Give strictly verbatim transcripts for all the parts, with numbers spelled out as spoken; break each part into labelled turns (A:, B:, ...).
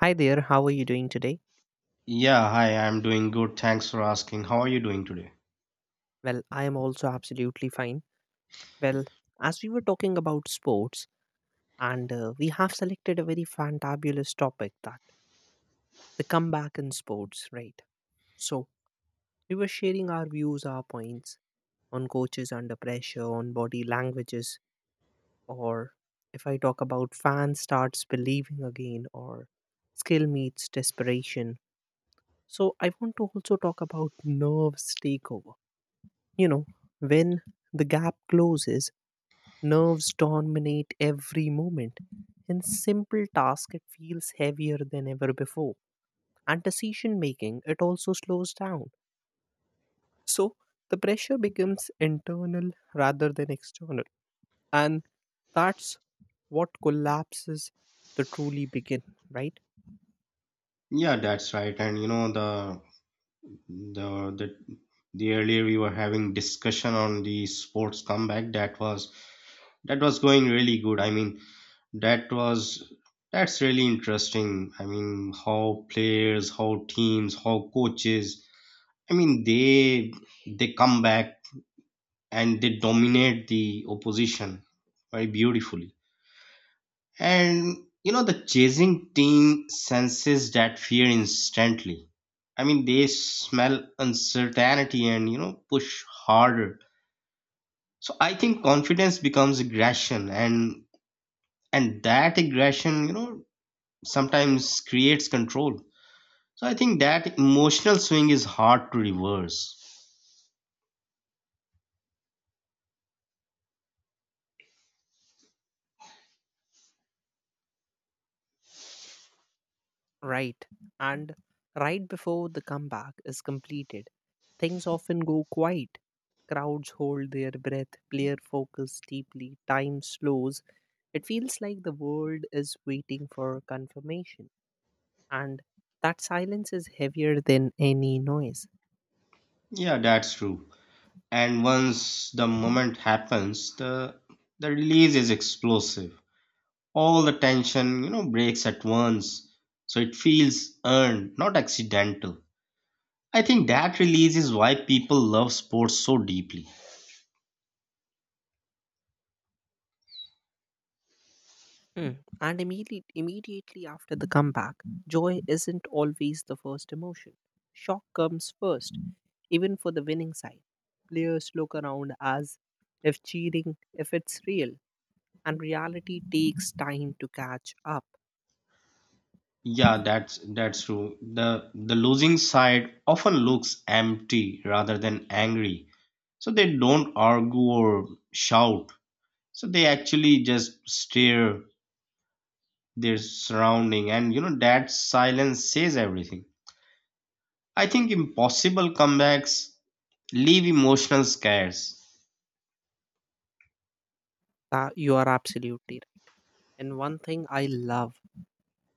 A: Hi there, how are you doing today?
B: Yeah, hi, I'm doing good. Thanks for asking. How are you doing today?
A: Well, I am also absolutely fine. Well, as we were talking about sports, and uh, we have selected a very fantabulous topic, that the comeback in sports, right? So, we were sharing our views, our points on coaches under pressure, on body languages, or if I talk about fan starts believing again, or skill meets desperation. So, I want to also talk about nerves takeover. You know, when the gap closes, nerves dominate every moment. In simple task, it feels heavier than ever before. And decision making, it also slows down. So the pressure becomes internal rather than external. And that's what collapses the truly begin, right?
B: Yeah, that's right. And you know the the the the earlier we were having discussion on the sports comeback that was that was going really good. I mean, that was that's really interesting. I mean, how players, how teams, how coaches, I mean, they they come back and they dominate the opposition very beautifully. And you know, the chasing team senses that fear instantly. I mean, they smell uncertainty and you know, push harder. So I think confidence becomes aggression, and and that aggression, you know, sometimes creates control. So I think that emotional swing is hard to reverse.
A: Right. And right before the comeback is completed, things often go quiet. Crowds hold their breath, player focus deeply, time slows. It feels like the world is waiting for confirmation, and that silence is heavier than any noise.
B: Yeah, that's true. And once the moment happens, the the release is explosive, all the tension you know breaks at once, so it feels earned, not accidental. I think that release is why people love sports so deeply.
A: Mm. And immediately, immediately after the comeback, joy isn't always the first emotion. Shock comes first, even for the winning side. Players look around as if cheating, if it's real, and reality takes time to catch up.
B: Yeah, that's that's true. The the losing side often looks empty rather than angry, so they don't argue or shout. So they actually just stare their surrounding, and you know that silence says everything. I think impossible comebacks leave emotional scars.
A: That you are absolutely right. And one thing I love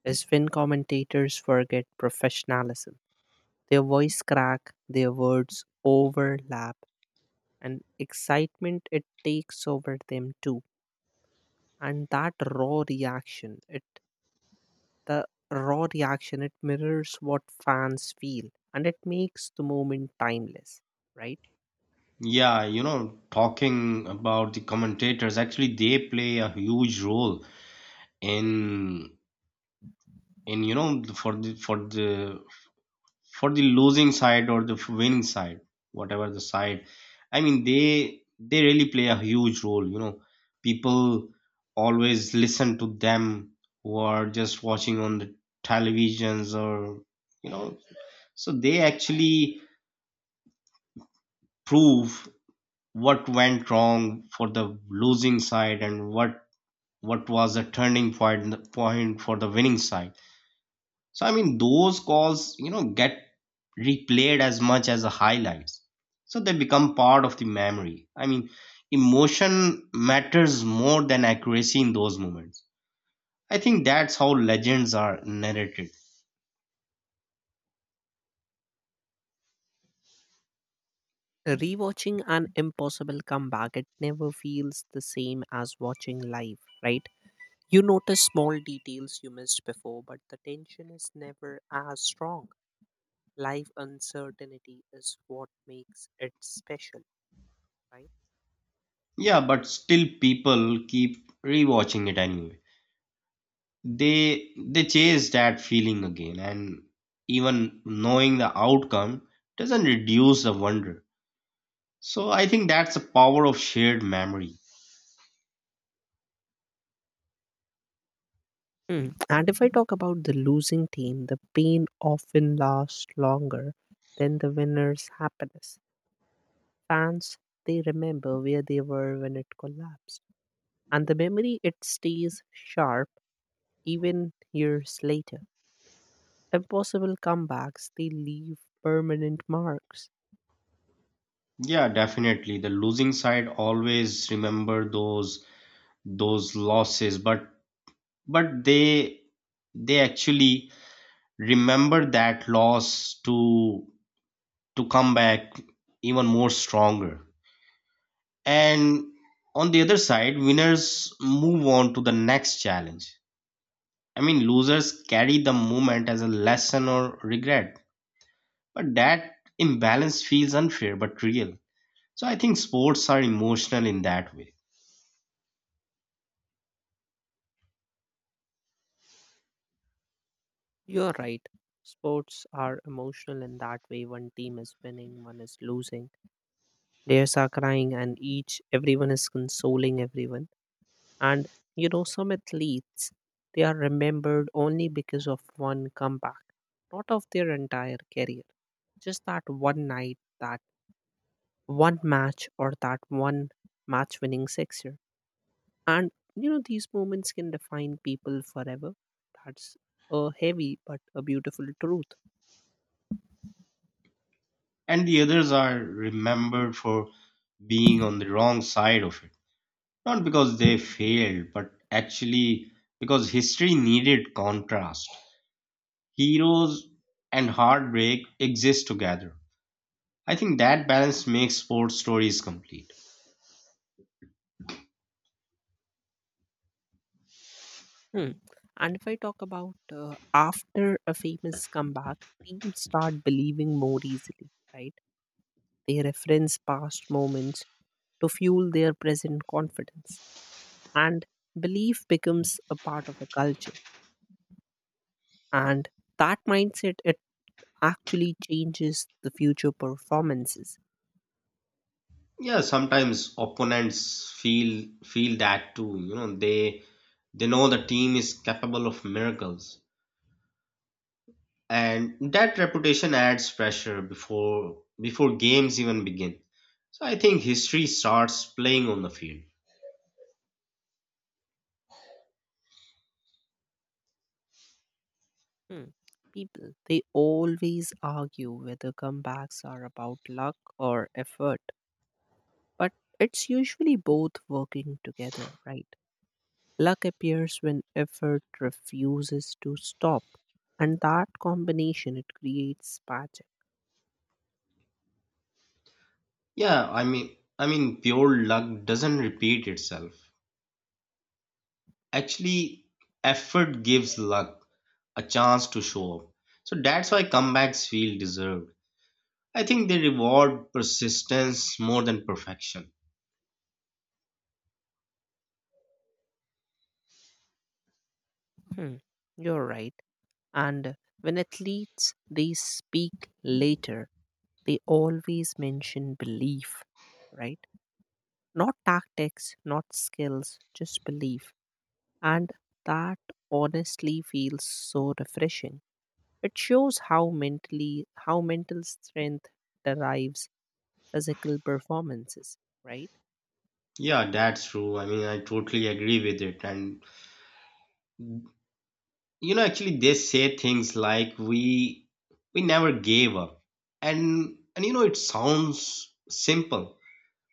A: is when commentators forget professionalism. Their voice crack, their words overlap, and excitement it takes over them too. And that raw reaction it the raw reaction it mirrors what fans feel, and it makes the moment timeless, right?
B: Yeah, you know, talking about the commentators, actually they play a huge role in in you know for the for the for the losing side or the winning side, whatever the side. I mean, they they really play a huge role. You know, people always listen to them who are just watching on the televisions or you know, so they actually prove what went wrong for the losing side, and what what was the turning point point for the winning side. So I mean those calls, you know, get replayed as much as the highlights. So they become part of the memory. I mean, emotion matters more than accuracy in those moments. I think that's how legends are narrated.
A: Rewatching an impossible comeback, it never feels the same as watching live, right? You notice small details you missed before, but the tension is never as strong. Live uncertainty is what makes it special, right?
B: Yeah, but still people keep rewatching it anyway. They they chase that feeling again, and even knowing the outcome doesn't reduce the wonder. So I think that's the power of shared memory.
A: Mm. And if I talk about the losing team, the pain often lasts longer than the winner's happiness. Fans, they remember where they were when it collapsed. And the memory, it stays sharp even years later. Impossible comebacks, they leave permanent marks.
B: Yeah, definitely. The losing side always remember those those losses, but but they they actually remember that loss to to come back even more stronger. And on the other side, winners move on to the next challenge. I mean, losers carry the moment as a lesson or regret, but that imbalance feels unfair but real. So I think sports are emotional in that way.
A: You're right. Sports are emotional in that way. One team is winning, one is losing. Players are crying, and each, everyone is consoling everyone. And you know, some athletes, they are remembered only because of one comeback, not of their entire career. Just that one night, that one match, or that one match winning sixer. And you know, these moments can define people forever. That's a heavy but a beautiful truth.
B: And the others are remembered for being on the wrong side of it. Not because they failed, but actually because history needed contrast. Heroes and heartbreak exist together. I think that balance makes sports stories complete.
A: Hmm. And if I talk about uh, after a famous comeback, teams start believing more easily, right? They reference past moments to fuel their present confidence. And belief becomes a part of a culture. And that mindset, it actually changes the future performances.
B: Yeah, sometimes opponents feel feel that too. You know, they they know the team is capable of miracles, and that reputation adds pressure before before games even begin. So I think history starts playing on the field.
A: Hmm. People, they always argue whether comebacks are about luck or effort, but it's usually both working together, right? Luck appears when effort refuses to stop, and that combination it creates magic.
B: Yeah, I mean, i mean pure luck doesn't repeat itself. Actually, effort gives luck a chance to show up, so that's why comebacks feel deserved. I think they reward persistence more than perfection.
A: Hmm, you're right. And when athletes they speak later, they always mention belief, right? Not tactics, not skills, just belief. And that honestly feels so refreshing. It shows how mentally how mental strength derives physical performances, right?
B: Yeah, that's true. I mean, I totally agree with it. And you know, actually they say things like we we never gave up, and and you know it sounds simple,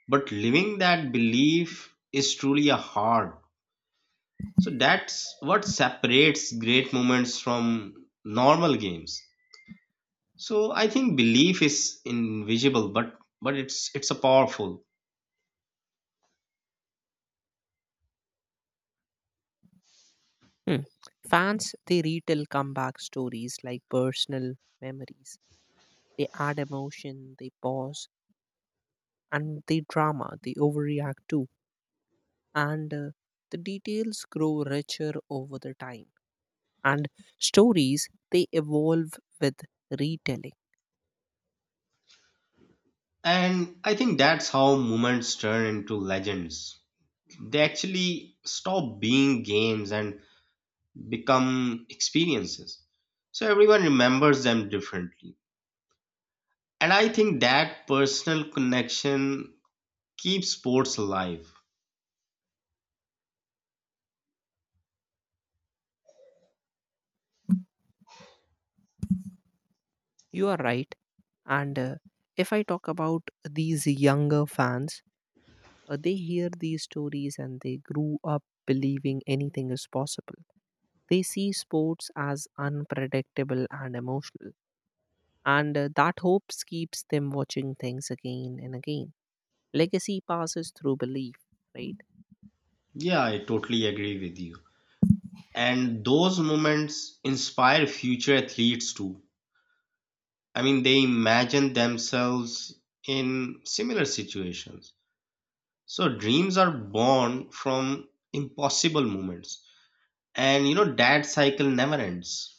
B: but living that belief is truly a hard. So that's what separates great moments from normal games. So I think belief is invisible, but but it's it's a powerful.
A: Hmm. Fans, they retell comeback stories like personal memories. They add emotion, they pause, and they drama, they overreact too. And uh, the details grow richer over the time. And stories, they evolve with retelling.
B: And I think that's how moments turn into legends. They actually stop being games and become experiences. So everyone remembers them differently. And I think that personal connection keeps sports alive.
A: You are right. And uh, if I talk about these younger fans, uh, they hear these stories and they grew up believing anything is possible. They see sports as unpredictable and emotional, and uh, that hope keeps them watching things again and again. Legacy passes through belief, right?
B: Yeah, I totally agree with you. And those moments inspire future athletes too. I mean, they imagine themselves in similar situations. So dreams are born from impossible moments. And you know, that cycle never ends.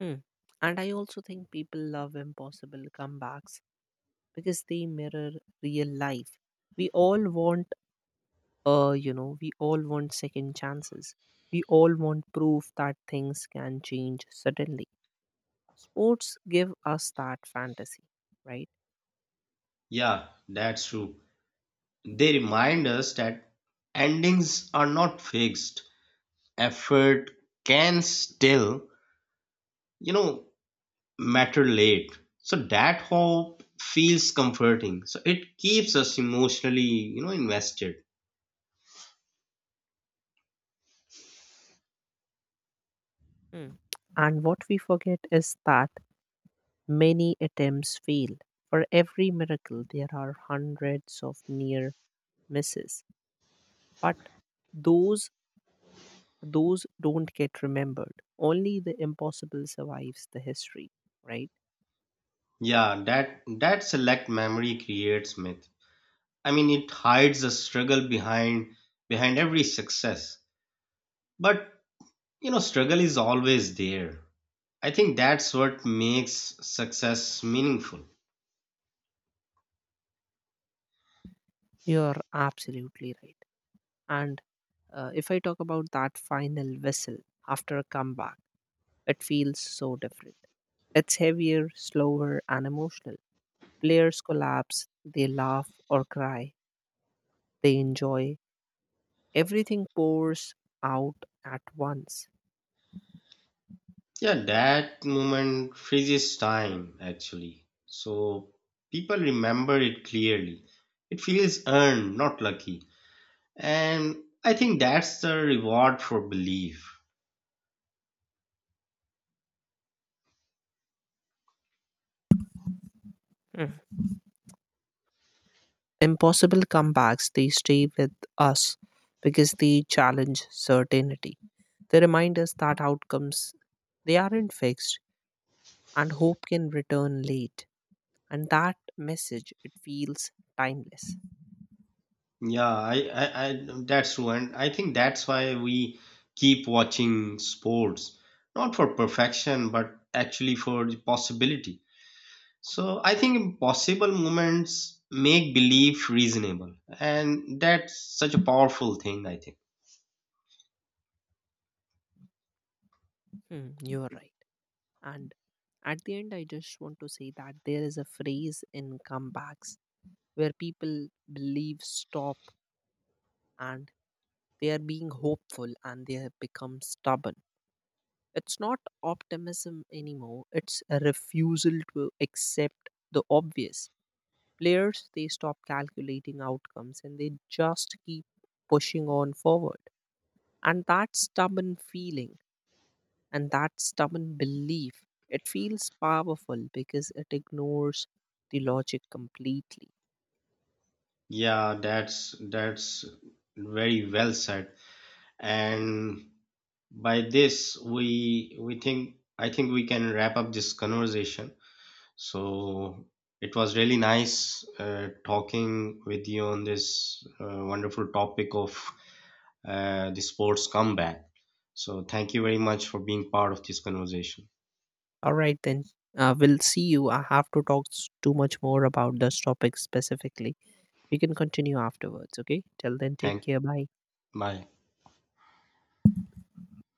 A: Hmm. And I also think people love impossible comebacks because they mirror real life. We all want, uh, you know, we all want second chances. We all want proof that things can change suddenly. Sports give us that fantasy, right?
B: Yeah, that's true. They remind us that endings are not fixed. Effort can still, you know, matter late. So that hope feels comforting. So it keeps us emotionally, you know, invested.
A: Hmm. And what we forget is that many attempts fail. For every miracle, there are hundreds of near misses. But those those don't get remembered. Only the impossible survives the history, right?
B: Yeah, that that select memory creates myth. I mean, it hides the struggle behind behind every success. But you know, struggle is always there. I think that's what makes success meaningful.
A: You're absolutely right. And uh, if I talk about that final whistle after a comeback, it feels so different. It's heavier, slower, and emotional. Players collapse, they laugh or cry, they enjoy. Everything pours out at once.
B: Yeah, that moment freezes time actually. So people remember it clearly. It feels earned, not lucky. And I think that's the reward for belief.
A: Mm. Impossible comebacks, they stay with us because they challenge certainty. They remind us that outcomes they aren't fixed and hope can return late. And that message it feels timeless.
B: Yeah, I, I, I that's true. And I think that's why we keep watching sports, not for perfection, but actually for the possibility. So I think impossible moments make belief reasonable. And that's such a powerful thing, I think.
A: Hmm, you're right. And at the end I just want to say that there is a phrase in comebacks where people believe stop, and they are being hopeful and they have become stubborn. It's not optimism anymore, it's a refusal to accept the obvious. Players, they stop calculating outcomes and they just keep pushing on forward. And that stubborn feeling and that stubborn belief, it feels powerful because it ignores the logic completely.
B: Yeah, that's that's very well said. And by this, we we think I think we can wrap up this conversation. So it was really nice uh, talking with you on this uh, wonderful topic of uh, the sports comeback. So thank you very much for being part of this conversation.
A: All right, then. Uh, we'll see you. I have to talk s- too much more about this topic specifically. We can continue afterwards, okay? Till then, take
B: Thank,
A: care. Bye.
B: bye.